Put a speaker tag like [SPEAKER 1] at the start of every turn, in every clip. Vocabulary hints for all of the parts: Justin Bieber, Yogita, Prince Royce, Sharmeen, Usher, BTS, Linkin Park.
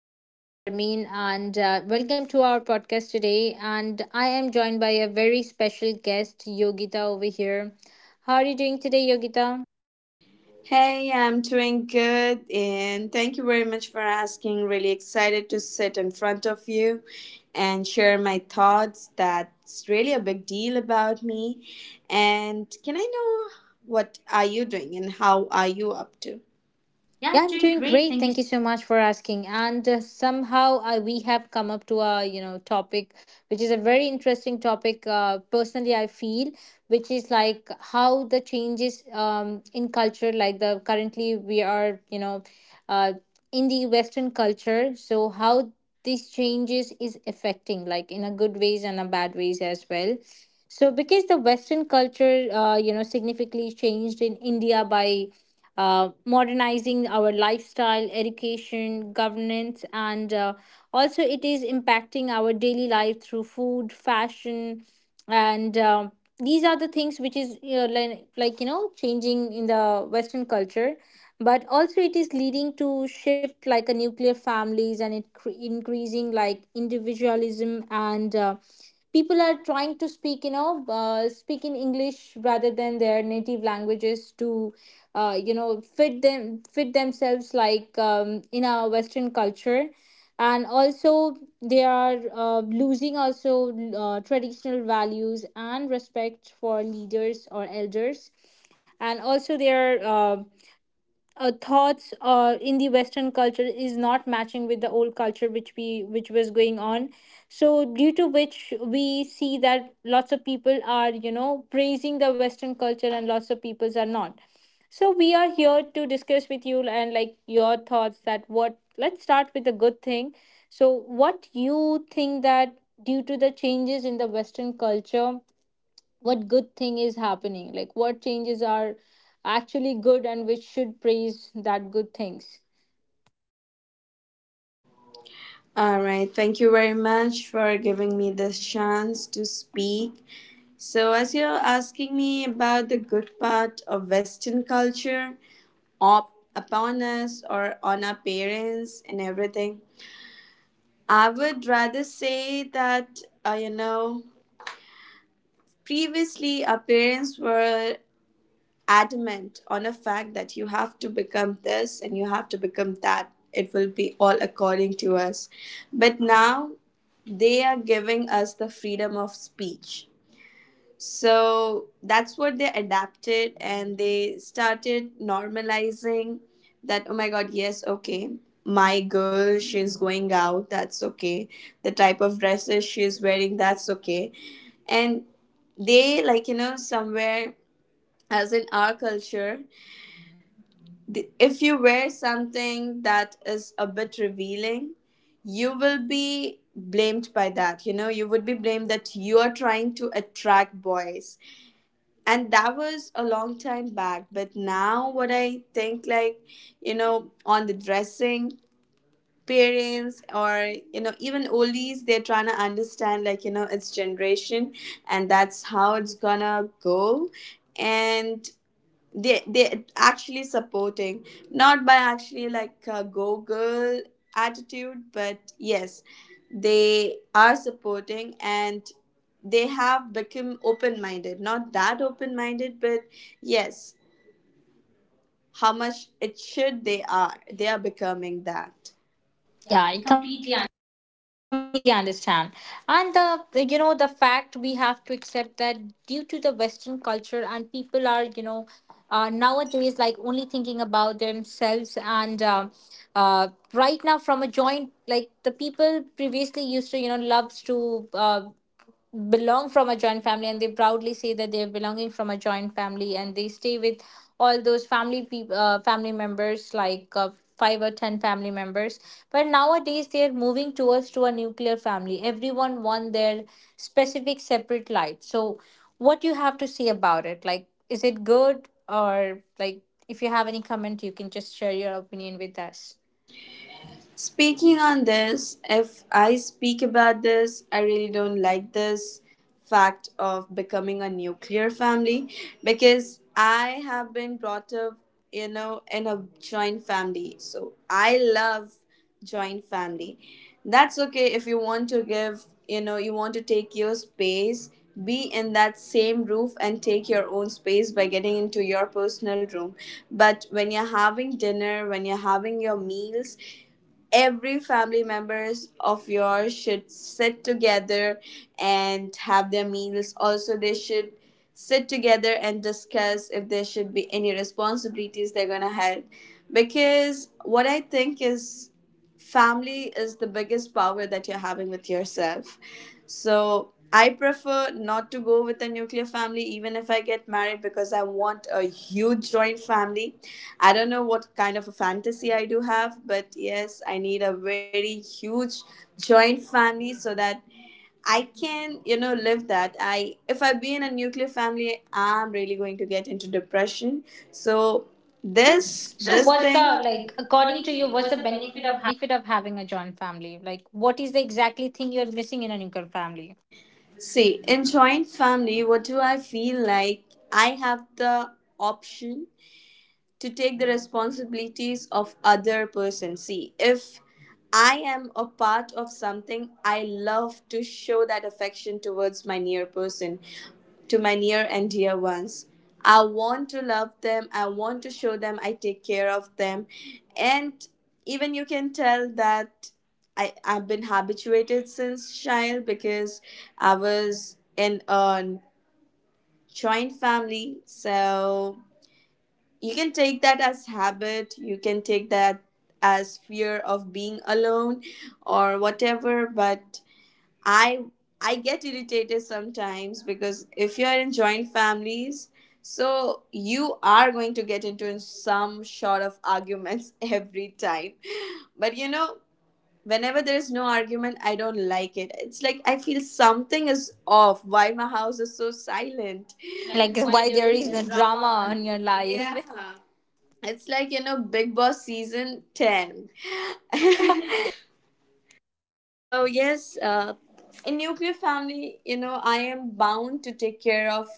[SPEAKER 1] My name is Sharmeen, and welcome to our podcast today. And I am joined by a very special guest, Yogita, over here. How are you doing today, Yogita?
[SPEAKER 2] Hey, I'm doing good, and thank you very much for asking. Really excited to sit in front of you and share my thoughts. That's really a big deal about me. And can I know what are you doing and how are you up to? Yeah,
[SPEAKER 1] Yeah,
[SPEAKER 2] I'm
[SPEAKER 1] I'm
[SPEAKER 2] doing
[SPEAKER 1] doing
[SPEAKER 2] great.
[SPEAKER 1] great.
[SPEAKER 2] Thank you.
[SPEAKER 1] Thank you so much for asking. And somehow we have come up to a topic, which is a very interesting topic. Personally, I feel which is like how the changes in culture, like the currently we are uh, in the Western culture. So how these changes is affecting, like in a good ways and a bad ways as well. So because the Western culture, significantly changed in India by modernizing our lifestyle, education, governance, and also it is impacting our daily life through food, fashion, and these are the things which is changing in the Western culture. But also, it is leading to shift like a nuclear families and it increasing like individualism and people are trying to speak speak in english rather than their native languages to fit themselves like in our western culture and also they are losing also traditional values and respect for leaders or elders, and also they are thoughts in the western culture is not matching with the old culture which was going on. So due to which we see that lots of people are praising the western culture and lots of peoples are not. So we are here to discuss with you and like your thoughts that what, let's start with the good thing. So what you think that due to the changes in the western culture, what good thing is happening, like what changes are actually good and which should praise that good things.
[SPEAKER 2] All right, thank you very much for giving me this chance to speak. So, as you're asking me about the good part of Western culture, up upon us or on our parents and everything. I would rather say that, uh, you know, previously our parents were adamant on a fact that you have to become this and you have to become that. It will be all according to us. But now they are giving us the freedom of speech. So that's what they adapted and they started normalizing that, oh my God, yes, okay, my girl, she's going out, that's okay. The type of dresses she's wearing, that's okay. And they, like, somewhere as in our culture, if you wear something that is a bit revealing, you will be blamed by that. You would be blamed that you are trying to attract boys, and that was a long time back. But now, what I think, like, on the dressing, parents or even oldies, they're trying to understand, like, it's generation, and that's how it's gonna go. And they actually supporting, not by actually like a go girl attitude, but yes, they are supporting. And they have become open minded not that open minded but yes, how much it should, they are becoming that. Yeah,
[SPEAKER 1] Yeah,
[SPEAKER 2] I
[SPEAKER 1] I
[SPEAKER 2] completely.
[SPEAKER 1] completely understand. And the fact we have to accept that due to the western culture and people are nowadays like only thinking about themselves, and uh, right now from a joint, like the people previously used to loves to uh, belong from a joint family, and they proudly say that they are belonging from a joint family and they stay with all those family members, like five or ten family members. But nowadays they are moving towards to a nuclear family, everyone want their specific separate life. So what you have to say about it, like is it good or like if you have any comment, you can just share your opinion with us.
[SPEAKER 2] Speaking on this, if I speak about this, I really don't like this fact of becoming a nuclear family, because I have been brought up in a joint family. So I love joint family. That's okay if you want to take your space, be in that same roof and take your own space by getting into your personal room. But when you're having dinner, when you're having your meals, every family members of yours should sit together and have their meals. Also, they should sit together and discuss if there should be any responsibilities they're gonna have, because what I think is, family is the biggest power that you're having with yourself. So I prefer not to go with a nuclear family even if I get married, because I want a huge joint family. I don't know what kind of a fantasy I do have, but yes, I need a very huge joint family so that I can live that. I if I be in a nuclear family, I'm really going to get into depression. So this So
[SPEAKER 1] This So this
[SPEAKER 2] this
[SPEAKER 1] what's
[SPEAKER 2] what's
[SPEAKER 1] thing
[SPEAKER 2] thing
[SPEAKER 1] the
[SPEAKER 2] the
[SPEAKER 1] like
[SPEAKER 2] like
[SPEAKER 1] according
[SPEAKER 2] according
[SPEAKER 1] to
[SPEAKER 2] to
[SPEAKER 1] you,
[SPEAKER 2] you,
[SPEAKER 1] what's
[SPEAKER 2] what's
[SPEAKER 1] the
[SPEAKER 2] the
[SPEAKER 1] benefit
[SPEAKER 2] benefit
[SPEAKER 1] of
[SPEAKER 2] of having.
[SPEAKER 1] having a joint family? Like what is the exactly thing you're missing in a nuclear family?
[SPEAKER 2] See, in joint family, what do I feel like? I have the option to take the responsibilities of other person. See, if I am a part of something, I love to show that affection towards my near person, to my near and dear ones. I want to love them, I want to show them, I take care of them. And even you can tell that I've been habituated since child, because I was in a joint family. So you can take that as habit, you can take that as fear of being alone or whatever, but i I get irritated sometimes, because if you're in joint families, so you are going to get into some sort of arguments every time. But whenever there's no argument, I don't like it. It's like I feel something is off. Why my house is so silent?
[SPEAKER 1] Like
[SPEAKER 2] Like, why
[SPEAKER 1] why
[SPEAKER 2] there
[SPEAKER 1] there
[SPEAKER 2] is
[SPEAKER 1] is
[SPEAKER 2] no
[SPEAKER 1] the
[SPEAKER 2] drama?
[SPEAKER 1] drama in your life? Yeah.
[SPEAKER 2] It's like Big Boss season 10. So, yes, in nuclear family I am bound to take care of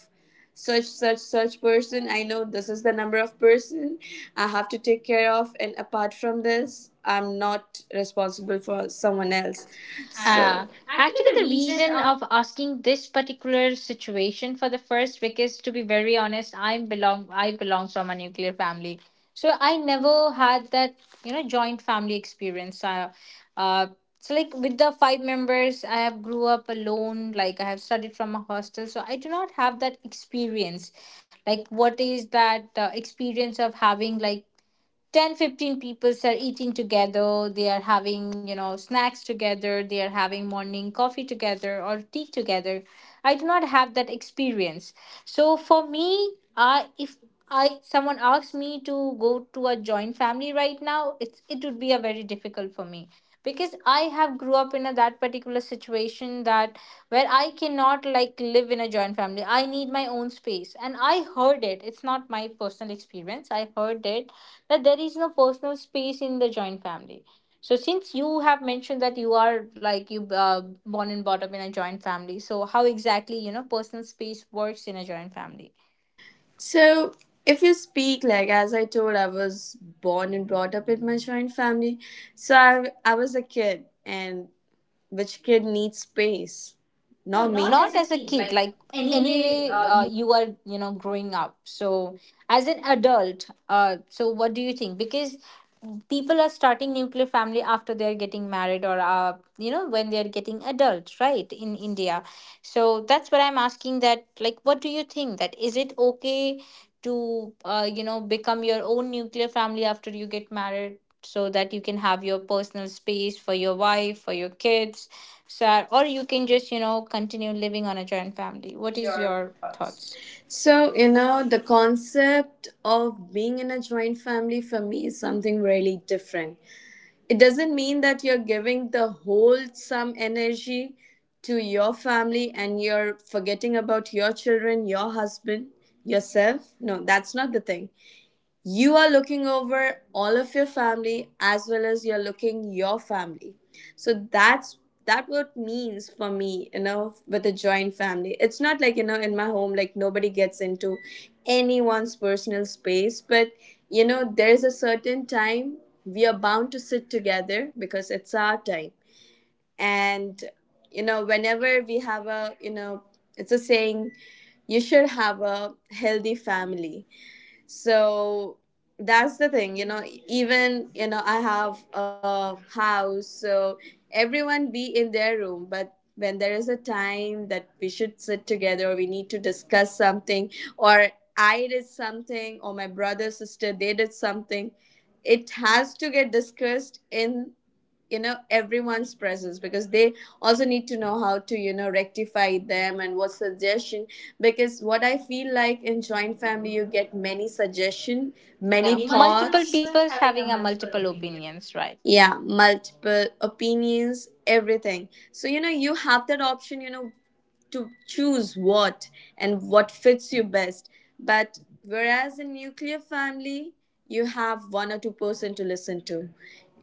[SPEAKER 2] such person. I know this is the number of person I have to take care of. And apart from this, I'm not responsible for someone else.
[SPEAKER 1] Uh,
[SPEAKER 2] So, actually,
[SPEAKER 1] actually,
[SPEAKER 2] the
[SPEAKER 1] the
[SPEAKER 2] reason
[SPEAKER 1] reason
[SPEAKER 2] of.
[SPEAKER 1] of asking this particular situation for the first week is to be very honest, I belong from a nuclear family, so I never had that joint family experience. Uh, so like with the five members, I have grew up alone. Like I have studied from a hostel, so I do not have that experience. Like what is that experience of having like Ten fifteen 15 people are eating together, they are having snacks together, they are having morning coffee together or tea together. I do not have that experience. So for me, I if I someone asks me to go to a joint family right now, it would be a very difficult for me because I have grew up in a, that particular situation, that where I cannot like live in a joint family. I need my own space. And I heard it, it's not my personal experience, I heard it, that there is no personal space in the joint family. So since you have mentioned that you are like you born and brought up in a joint family, so how exactly personal space works in a joint family?
[SPEAKER 2] So, if you speak, like as I told, I was born and brought up in my joint family. So, I was a kid, and which kid needs space? Not
[SPEAKER 1] No,
[SPEAKER 2] me. Not
[SPEAKER 1] not
[SPEAKER 2] as a
[SPEAKER 1] as a
[SPEAKER 2] kid,
[SPEAKER 1] kid.
[SPEAKER 2] like,
[SPEAKER 1] Like
[SPEAKER 2] anyway,
[SPEAKER 1] anyway,
[SPEAKER 2] you.
[SPEAKER 1] you are growing up. So as an adult, so what do you think? Because people are starting nuclear family after they are getting married, or when they are getting adult, right? In India, so that's what I'm asking. That like, what do you think? That is it okay to become your own nuclear family after you get married, so that you can have your personal space for your wife, for your kids? So, or you can just continue living on a joint family? What
[SPEAKER 2] Is
[SPEAKER 1] is
[SPEAKER 2] your
[SPEAKER 1] your
[SPEAKER 2] thoughts.
[SPEAKER 1] thoughts?
[SPEAKER 2] So the concept of being in a joint family for me is something really different. It doesn't mean that you're giving the whole some energy to your family and you're forgetting about your children, your husband, yourself. No, that's not the thing. You are looking over all of your family as well as you're looking your family. So that's that, what means for me, you know with a joint family. It's not like, you know in my home, like, nobody gets into anyone's personal space. But there's a certain time we are bound to sit together because it's our time. And whenever we have a it's a saying, you should have a healthy family. So that's the thing, you know even I have a house, so everyone be in their room. But when there is a time that we should sit together, or we need to discuss something, or I did something, or my brother sister they did something, it has to get discussed in, you know, everyone's presence, because they also need to know how to rectify them, and what suggestion. Because what I feel like, in joint family you get many suggestion, many
[SPEAKER 1] Yeah,
[SPEAKER 2] multiple thoughts,
[SPEAKER 1] multiple
[SPEAKER 2] people
[SPEAKER 1] people's
[SPEAKER 2] having a
[SPEAKER 1] having a
[SPEAKER 2] multiple
[SPEAKER 1] multiple
[SPEAKER 2] opinion.
[SPEAKER 1] opinions, right?
[SPEAKER 2] Yeah, multiple opinions, everything. So you have that option, you know to choose what and what fits you best. But whereas in nuclear family, you have one or two person to listen to.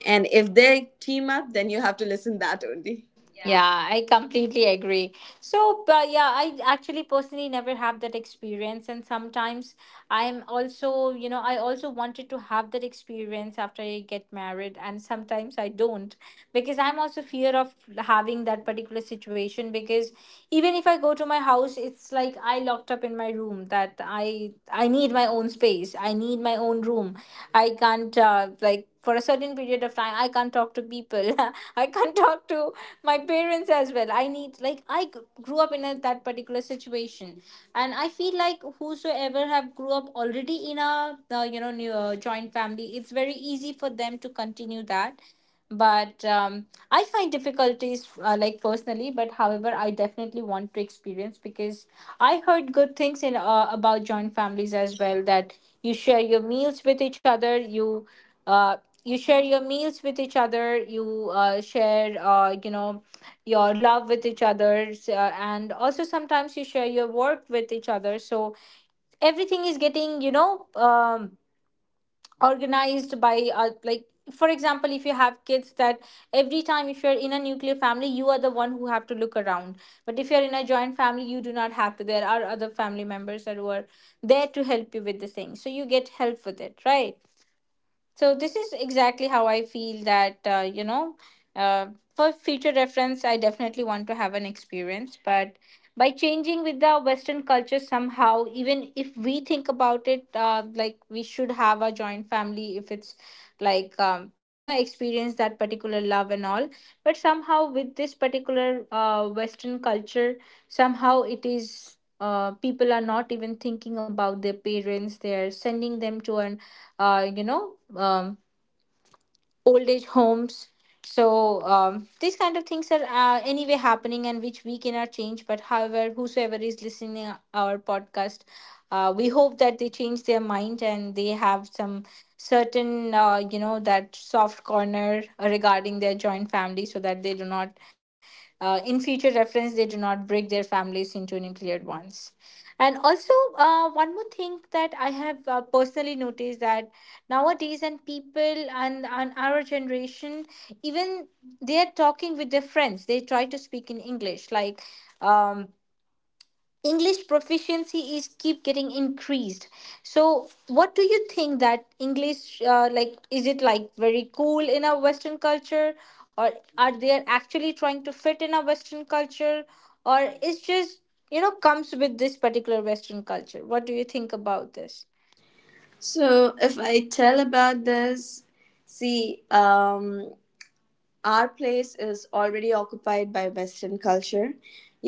[SPEAKER 2] And if they team up, then you have to listen that only.
[SPEAKER 1] Yeah, I completely agree. So, but yeah, I actually personally never have that experience, and sometimes I'm also, you know, I also wanted to have that experience after I get married, and sometimes I don't because I'm also fear of having that particular situation. Because even if I go to my house, it's like I locked up in my room, that I need my own space, I need my own room. I can't like for a certain period of time, I can't talk to people. I can't talk to my parents as well. I need like grew up in a, that particular situation, and I feel like whosoever have grew up already in a new, joint family, it's very easy for them to continue that. But I find difficulties like personally, but however I definitely want to experience, because I heard good things in about joint families as well, that you share your meals with each other you uh, you share your meals with each other, you share your love with each other, and also sometimes you share your work with each other. So everything is getting organized by like for example if you have kids, that every time if you're in a nuclear family, you are the one who have to look around, but if you're in a joint family, you do not have to. There are other family members that were there to help you with the thing, so you get help with it, right? So this is exactly how I feel that uh, for future reference, I definitely want to have an experience. But by changing with the Western culture somehow, even if we think about it, like we should have a joint family if it's like experience that particular love and all. But somehow with this particular Western culture, somehow it is. People are not even thinking about their parents. They are sending them to an uh, you know, um, old age homes. So these kind of things are anyway happening, and which we cannot change. But however, whosoever is listening our podcast, we hope that they change their mind and they have some certain, that soft corner regarding their joint family, so that they do not, in future reference, they do not break their families into nuclear ones. And also, one more thing that I have personally noticed, that nowadays and people and our generation, even they are talking with their friends, they try to speak in english, like um, english proficiency is keep getting increased. So what do you think, that english like is it like very cool in our western culture, or are they actually trying to fit in our western culture, or it's just comes with this particular western culture? What do you think about this?
[SPEAKER 2] So if I tell about this, see, our place is already occupied by Western culture.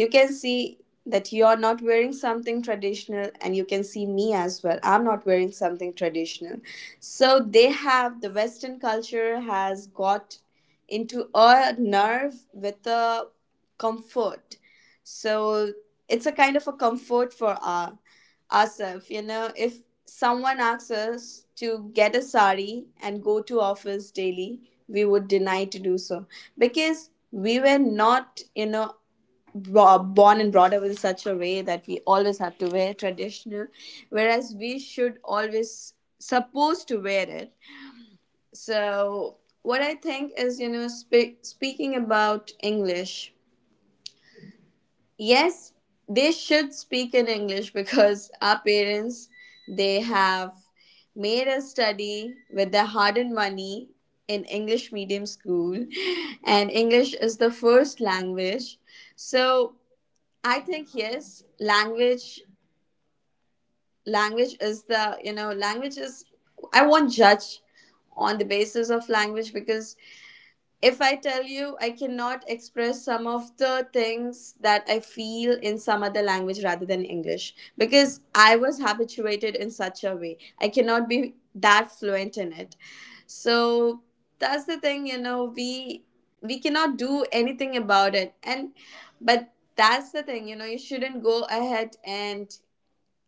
[SPEAKER 2] You can see that you're not wearing something traditional, and you can see me as well. I'm not wearing something traditional. So the Western culture has got into a nerve with a comfort. So it's a kind of a comfort for us ourselves, you know if someone asks us to get a sari and go to office daily, we would deny to do so. Because we were not, you know born and brought up in such a way that we always have to wear traditional, whereas we should always supposed to wear it. So what I think is, you know speaking about English, yes, they should speak in English because our parents, they have made us study with their hard-earned money in English medium school, and English is the first language. So I think, yes, Language is the, you know language is, I won't judge on the basis of language, because if I tell you, I cannot express some of the things that I feel in some other language rather than English, because I was habituated in such a way. I cannot be that fluent in it. So that's the thing, you know, we cannot do anything about it. And but that's the thing, you know, you shouldn't go ahead, and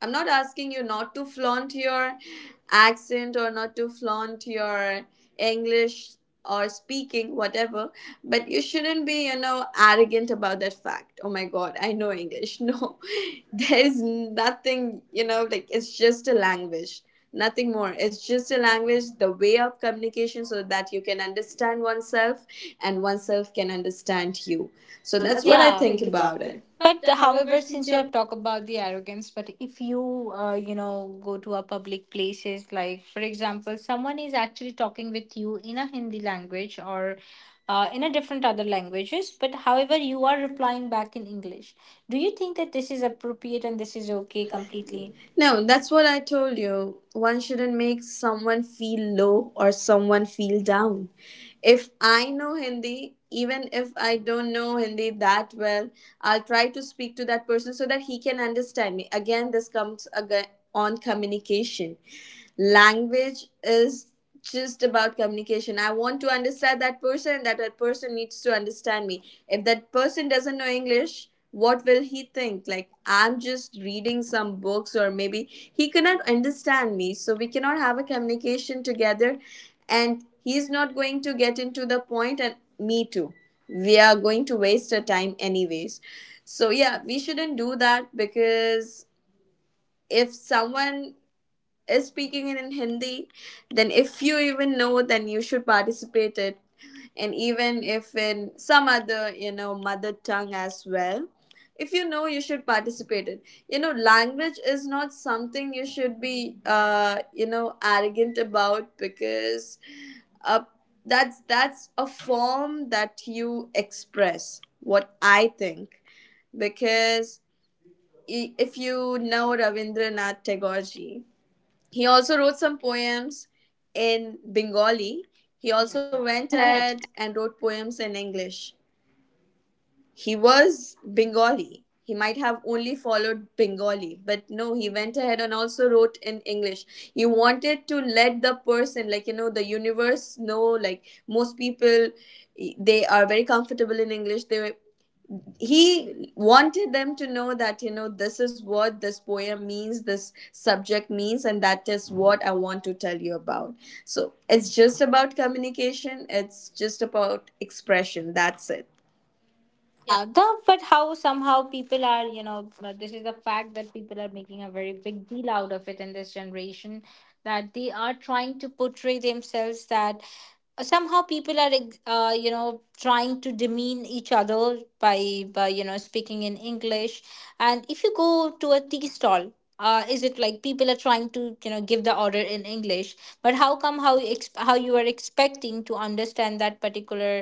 [SPEAKER 2] I'm not asking you not to flaunt your accent or not to flaunt your English or speaking, whatever, but you shouldn't be, you know, arrogant about that fact. Oh my God, I know English. No, there is nothing, you know, like it's just a language, nothing more. It's just a language, the way of communication, so that you can understand oneself and oneself can understand you. So
[SPEAKER 1] So
[SPEAKER 2] that's
[SPEAKER 1] that's what
[SPEAKER 2] what I, yeah,
[SPEAKER 1] I Yeah.
[SPEAKER 2] think
[SPEAKER 1] think
[SPEAKER 2] about
[SPEAKER 1] about
[SPEAKER 2] it.
[SPEAKER 1] it.
[SPEAKER 2] But
[SPEAKER 1] But
[SPEAKER 2] however,
[SPEAKER 1] however,
[SPEAKER 2] since
[SPEAKER 1] since
[SPEAKER 2] you
[SPEAKER 1] you
[SPEAKER 2] have
[SPEAKER 1] have talked about the arrogance, but if you, go to a public places, like for example, someone is actually talking with you in a Hindi language or in a different other languages, but however, you are replying back in English. Do you think that this is appropriate and this is okay
[SPEAKER 2] okay completely.
[SPEAKER 1] completely? No,
[SPEAKER 2] No,
[SPEAKER 1] that
[SPEAKER 2] that's what I told you. One shouldn't make someone feel low or someone feel down. If I know Hindi, even if I don't know Hindi that well, I'll try to speak to that person so that he can understand me. Again, this comes again on communication. Language is just about communication. I want to understand that person, that that person needs to understand me. If that person doesn't know English, what will he think? Like, I'm just reading some books, or maybe he cannot understand me, so we cannot have a communication together, and he's not going to get into the point, and me too, we are going to waste our time anyways. So yeah, we shouldn't do that. Because if someone is speaking it in Hindi, then if you even know, then you should participate it. And even if in some other, mother tongue as well, if you know, you should participate it. Language is not something you should be, arrogant about, because uh, that's a form that you express. What I think, because if you know Ravindranath Tagore ji, he also wrote some poems in Bengali. He also went
[SPEAKER 1] went
[SPEAKER 2] ahead
[SPEAKER 1] ahead
[SPEAKER 2] and wrote poems in English. He was Bengali. He might have only followed Bengali, but no, he went ahead and also wrote in English. He wanted to let the person, like, you know, the universe know, like, most people, they are very comfortable in English. They He wanted them to know that, you know, this is what this poem means, this subject means, and that is what I want to tell you about. So it's just about communication, it's just about expression, that's it.
[SPEAKER 1] Yeah, the but how somehow people are, you know, this is the fact that people are making a very big deal out of it in this generation that they are trying to portray themselves that somehow you know, trying to demean each other by you know speaking in English. And if you go to a tea stall, is it like people are trying to, you know, give the order in English? But how come, how you are expecting to understand that particular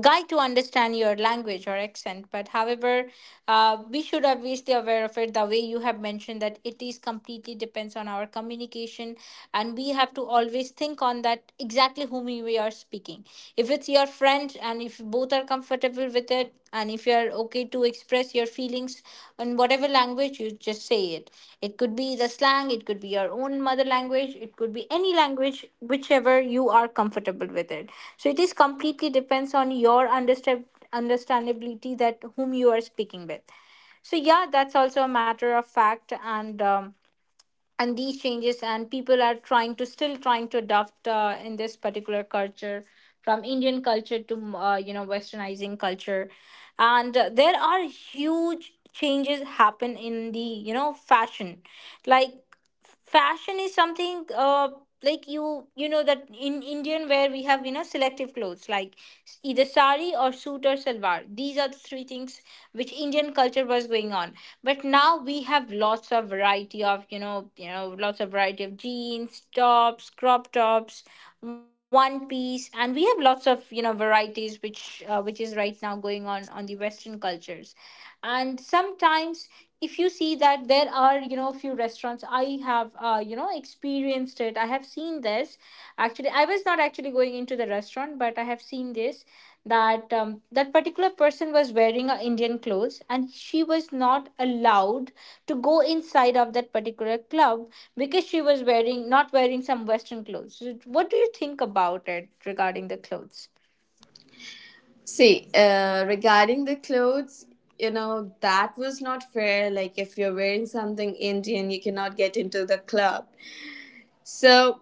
[SPEAKER 1] guy to understand your language or accent? But however, we should obviously aware of it the way you have mentioned that it is completely depends on our communication, and we have to always think on that exactly whom we are speaking. If it's your friend and if both are comfortable with it and if you're okay to express your feelings in whatever language, you just say it. It could be the slang, it could be your own mother language, it could be any language whichever you are comfortable with it. So it is completely depends on your understandability that whom you are speaking with. So yeah, that's also a matter of fact. And and these changes, and people are trying to still trying to adopt in this particular culture from Indian culture to you know, westernizing culture. And there are huge changes happen in the, you know, fashion. Like fashion is something. Like you know that in Indian, where we have, you know, selective clothes, like either sari or suit or salwar, these are the three things which Indian culture was going on. But now we have lots of variety of, you know, you know, lots of variety of jeans, tops, crop tops, one piece, and we have lots of, you know, varieties which, which is right now going on the western cultures. And sometimes, if you see that there are, you know, few restaurants I have, you know, experienced it, I have seen this. Actually, I was not actually going into the restaurant, but I have seen this, that that particular person was wearing a Indian clothes and she was not allowed to go inside of that particular club because she was wearing not wearing some western clothes. What do you think about it regarding the clothes?
[SPEAKER 2] See, regarding the clothes, you know, that was not fair. Like, if you're wearing something Indian, you cannot get into the club. So,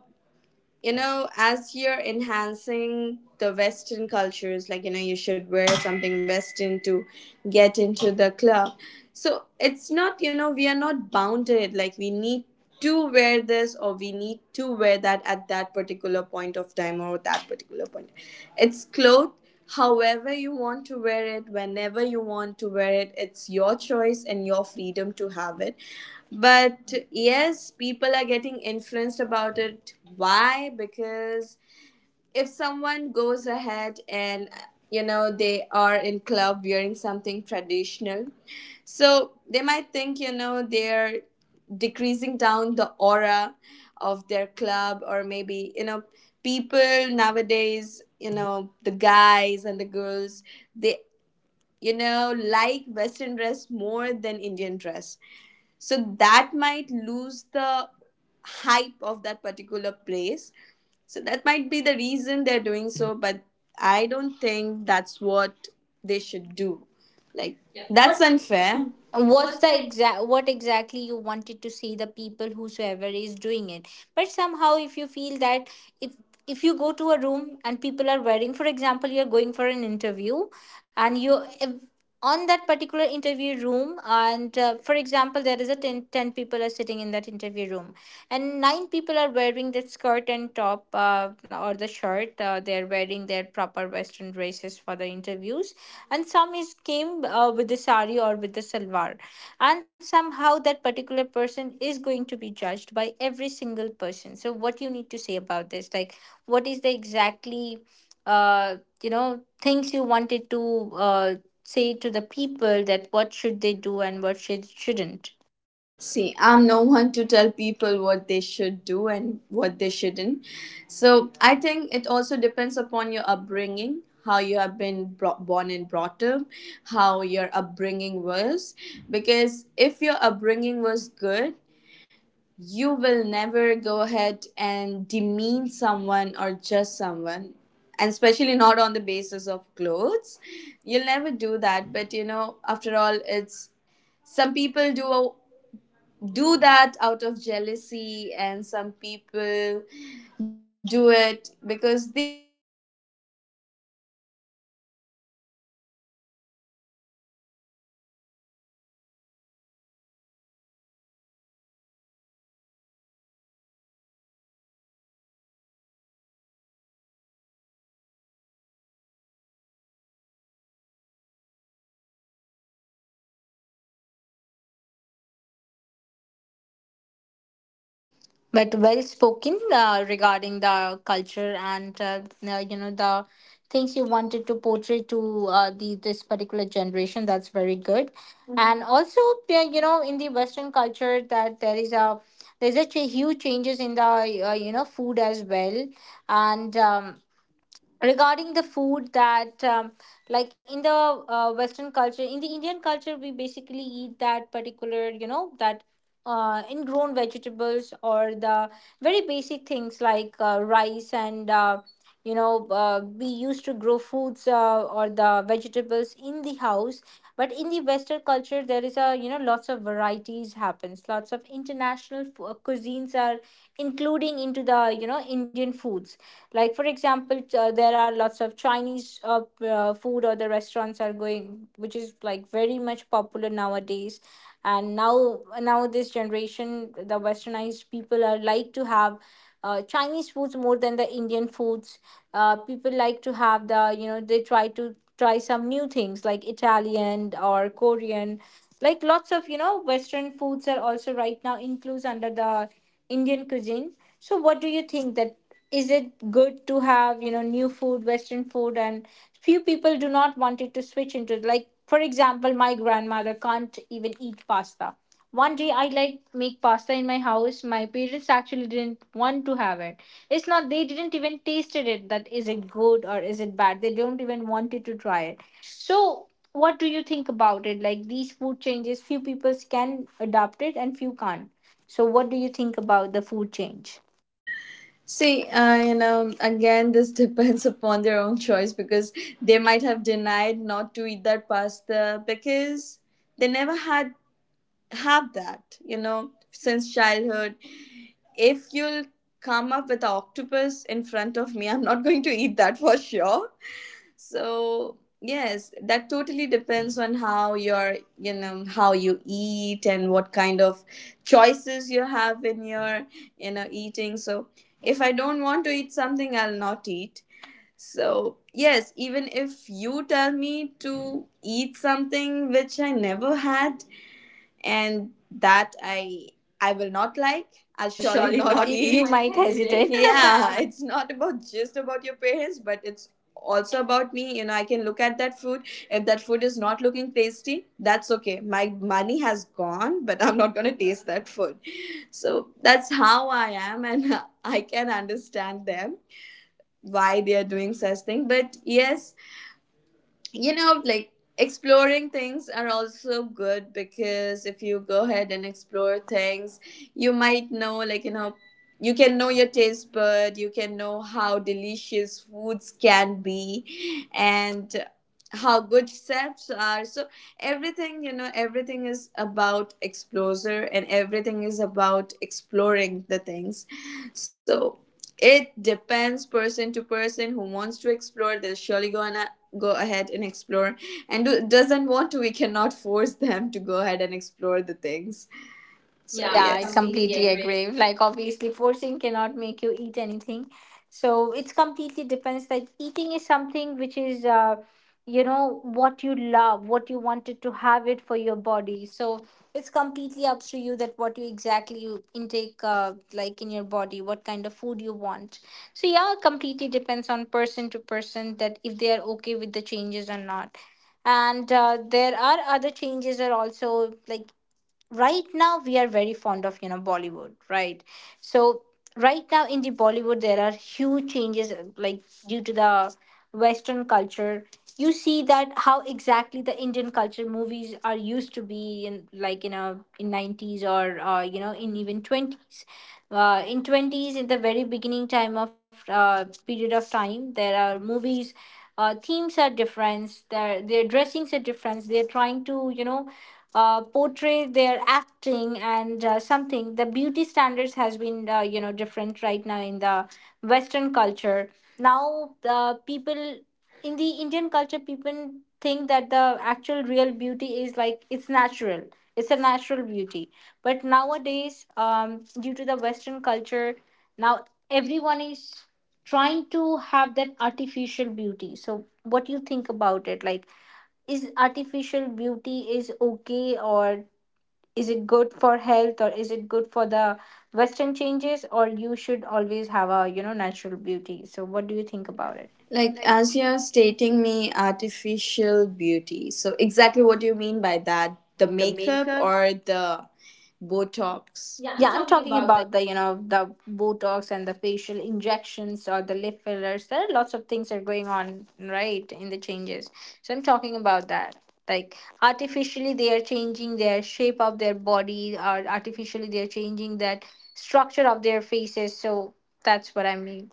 [SPEAKER 2] you know, as you're enhancing the Western cultures, like, you know, you should wear something Western to get into the club. So it's not, you know, we are not bounded. Like, we need to wear this or we need to wear that at that particular point of time or that particular point. It's clothed however you want to wear it, whenever you want to wear it. It's your choice and your freedom to have it. But yes, people are getting influenced about it. Why? Because if someone goes ahead and, you know, they are in club wearing something traditional, so they might think, you know, they're decreasing down the aura of their club, or maybe, you know, people nowadays, you know, the guys and the girls, they, you know, like western dress more than indian dress, so that might lose the hype of that particular place. So that might be the reason they're doing so, but I don't think that's what they should do. Like,
[SPEAKER 1] Fair.
[SPEAKER 2] unfair.
[SPEAKER 1] What exactly you wanted to see the people whosoever is doing it? But somehow if you feel that, if if you go to a room and people are wearing, for example, you're going for an interview, and you if, on that particular interview room, and for example, there is a 10 people are sitting in that interview room, and nine people are wearing that skirt and top, or the shirt, they are wearing their proper western dresses for the interviews, and some is came, with the sari or with the salwar, and somehow that particular person is going to be judged by every single person. So what you need to say about this, like, what is the exactly, uh, you know, things you wanted to, uh, say to the people that what should they do and what should shouldn't?
[SPEAKER 2] See, I'm no one to tell people what they should do and what they shouldn't. So I think it also depends upon your upbringing, how you have been brought, born and brought up, how your upbringing was. Because if your upbringing was good, you will never go ahead and demean someone or judge someone. And especially not on the basis of clothes. You'll never do that. But you know, after all, it's some people do that out of jealousy, and some people do it because they.
[SPEAKER 1] But well spoken, regarding the culture and, you know, the things you wanted to portray to, the this particular generation, that's very good. Mhm. And also, yeah, you know, in the western culture, that there is a, there's a huge changes in the, you know, food as well. And regarding the food that, like in the, western culture, in the Indian culture, we basically eat that particular, you know, that, ingrown vegetables, or the very basic things like, rice and, you know, we used to grow foods, or the vegetables in the house. But in the western culture, there is a, you know, lots of varieties happens, lots of international cuisines are including into the, you know, Indian foods. Like, for example, there are lots of Chinese, food or the restaurants are going, which is like very much popular nowadays. And now this generation, the westernized people are like to have, Chinese foods more than the Indian foods. People like to have the, you know, they try to try some new things like Italian or Korean. Like lots of, you know, western foods are also right now includes under the Indian cuisine. So what do you think that, is it good to have, you know, new food, western food, and few people do not want it to switch into? Like, for example, my grandmother can't even eat pasta. One day I like make pasta in my house, my parents actually didn't want to have it. It's not they didn't even tasted it, that is it good or is it bad, they don't even wanted to try it. So what do you think about it? Like these food changes, few people can adapt it and few can't. So what do you think about the food change?
[SPEAKER 2] See, you know, again, this depends upon their own choice because they might have denied not to eat that pasta because they never had have that, you know, since childhood. If you'll come up with an octopus in front of me, I'm not going to eat that for sure. So, yes, that totally depends on how you're, you know, how you eat and what kind of choices you have in your, you know, eating. So, if I don't want to eat something, I'll not eat. So, yes, even if you tell me to eat something which I never had, and that I will not like, I'll
[SPEAKER 1] I'll
[SPEAKER 2] surely
[SPEAKER 1] surely
[SPEAKER 2] not
[SPEAKER 1] not you eat.
[SPEAKER 2] eat,
[SPEAKER 1] You
[SPEAKER 2] might
[SPEAKER 1] might
[SPEAKER 2] hesitate.
[SPEAKER 1] hesitate.
[SPEAKER 2] Yeah,
[SPEAKER 1] Yeah.
[SPEAKER 2] it's not about just about your parents, but it's also about me. You know, I can look at that food. If that food is not looking tasty, that's okay, my money has gone, but I'm not going to taste that food. So that's how I am, and I can understand them why they are doing such thing. But yes, you know, like, exploring things are also good, because if you go ahead and explore things, you might know, like, you know, you can know your taste bud, you can know how delicious foods can be, and how good chefs are. So everything, you know, everything is about exposure, and everything is about exploring the things. So it depends person to person. Who wants to explore, they'll surely go and go ahead and explore, and doesn't want to, we cannot force them to go ahead and explore the things. So, yeah,
[SPEAKER 1] Yeah,
[SPEAKER 2] yes.
[SPEAKER 1] I
[SPEAKER 2] I completely
[SPEAKER 1] completely
[SPEAKER 2] agree.
[SPEAKER 1] agree. Like, obviously, forcing cannot make you eat anything. So it's completely depends. Like, eating is something which is, you know, what you love, what you wanted to have it for your body. So it's completely up to you that what you exactly you intake, like in your body, what kind of food you want. So yeah, completely depends on person to person that if they are okay with the changes or not. And there are other changes are also like right now we are very fond of, you know, Bollywood, right? So right now in the Bollywood, there are huge changes, like, due to the western culture. You see that how exactly the Indian culture movies are used to be in, like, in a, in 90s or, you know, in even 20s, in 20s, in the very beginning time of, period of time, there are movies, themes are different, their dressings are different, they're trying to, you know, portray their acting and, something the beauty standards has been, you know, different right now in the western culture. Now People in the Indian culture, people think that the actual real beauty is like it's natural, it's a natural beauty. But nowadays, due to the western culture, now everyone is trying to have that artificial beauty. So what do you think about it? Like, is artificial beauty is okay, or is it good for health, or is it good for the western changes, or you should always have a, you know, natural beauty? So what do you think about it?
[SPEAKER 2] Like, as you're stating me artificial beauty, so exactly what do you mean by that? The
[SPEAKER 1] The
[SPEAKER 2] makeup
[SPEAKER 1] makeup.
[SPEAKER 2] or the Botox? Yeah, I'm
[SPEAKER 1] Yeah, I'm
[SPEAKER 2] talking
[SPEAKER 1] talking
[SPEAKER 2] about the
[SPEAKER 1] about the, you know, the Botox and the facial injections or the lip fillers. There are lots of things that are going on, right, in the changes. So I'm talking about that. Like, artificially they are changing their shape of their body, or artificially they are changing that structure of their faces. So that's what I mean.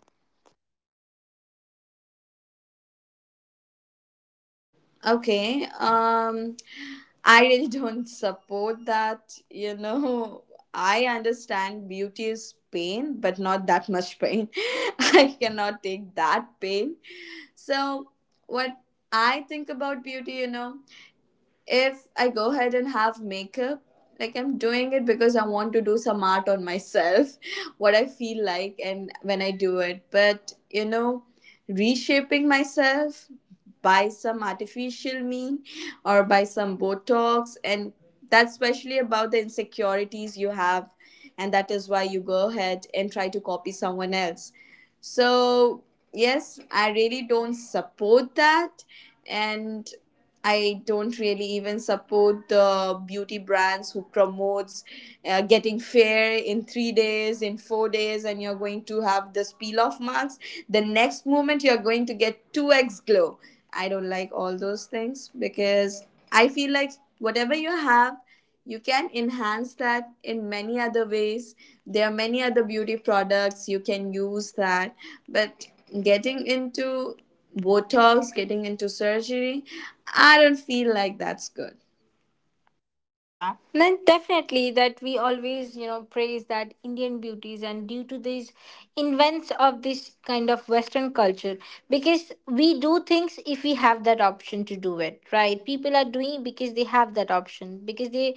[SPEAKER 2] Okay. I really don't support that. You know, I understand beauty is pain, but not that much pain. I cannot take that pain. So, what I think about beauty, you know, if I go ahead and have makeup, like, I'm doing it because I want to do some art on myself, what I feel like, and when I do it. But, you know, reshaping myself by some artificial mean or by some Botox, and that's especially about the insecurities you have, and that is why you go ahead and try to copy someone else. So, yes, I really don't support that, and I don't really even support the beauty brands who promotes getting fair in 3 days, in 4 days, and you're going to have this peel off marks. The next moment you're going to get two X glow. I don't like all those things, because I feel like whatever you have, you can enhance that in many other ways. There are many other beauty products you can use that. But getting into botox, getting into surgery, I don't feel like that's good.
[SPEAKER 1] Yeah, and then definitely that we always, you know, praise that Indian beauties and due to these invents of this kind of western culture, because we do things if we have that option to do it, right? People are doing because they have that option, because they,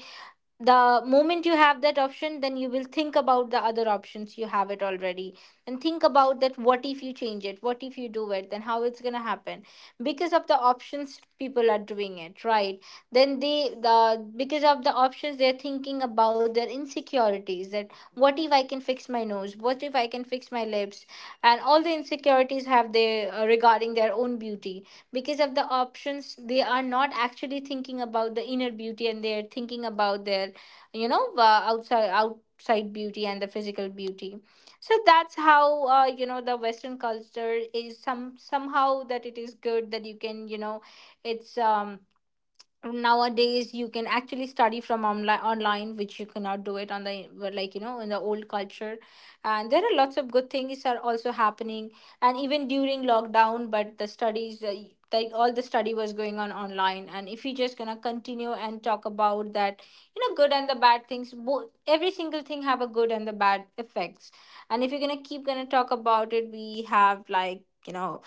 [SPEAKER 1] the moment you have that option, then you will think about the other options you have it already, and think about that what if you change it, what if you do it, then how it's going to happen. Because of the options, people are doing it, right? Then they because of the options, they're thinking about their insecurities, that what if I can fix my nose, what if I can fix my lips, and all the insecurities have they, regarding their own beauty. Because of the options, they are not actually thinking about the inner beauty, and they're thinking about their, you know, outside beauty and the physical beauty. So that's how, you know, the western culture is some somehow that it is good that you can, you know, it's nowadays you can actually study from online, which you cannot do it on the, well, like, you know, in the old culture. And there are lots of good things are also happening, and even during lockdown, but the studies, like all the study was going on online. And if you just gonna continue and talk about that, you know, good and the bad things, both, every single thing have a good and the bad effects. And if you're gonna keep gonna talk about it, we have like, you know,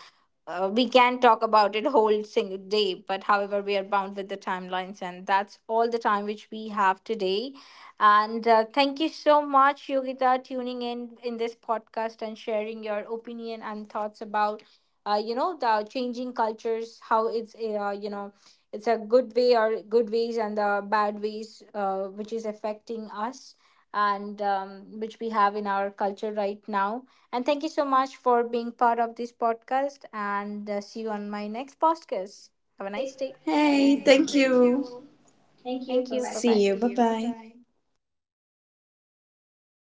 [SPEAKER 1] we can talk about it whole single day. But however, we are bound with the timelines, and that's all the time which we have today. And thank you so much, Yogita, tuning in this podcast and sharing your opinion and thoughts about, you know, the changing cultures, how it's, you know, it's a good way or good ways and the bad ways, which is affecting us, and which we have in our culture right now. And thank you so much for being part of this podcast. And see you on my next podcast. Have a nice day.
[SPEAKER 2] Hey,
[SPEAKER 1] Hey,
[SPEAKER 2] thank
[SPEAKER 1] thank
[SPEAKER 2] you.
[SPEAKER 1] you.
[SPEAKER 2] Thank you,
[SPEAKER 1] Thank
[SPEAKER 2] bye bye.
[SPEAKER 1] you. Bye
[SPEAKER 2] See
[SPEAKER 1] bye.
[SPEAKER 2] you,
[SPEAKER 1] See
[SPEAKER 2] bye
[SPEAKER 1] you. Bye
[SPEAKER 2] bye.
[SPEAKER 1] bye.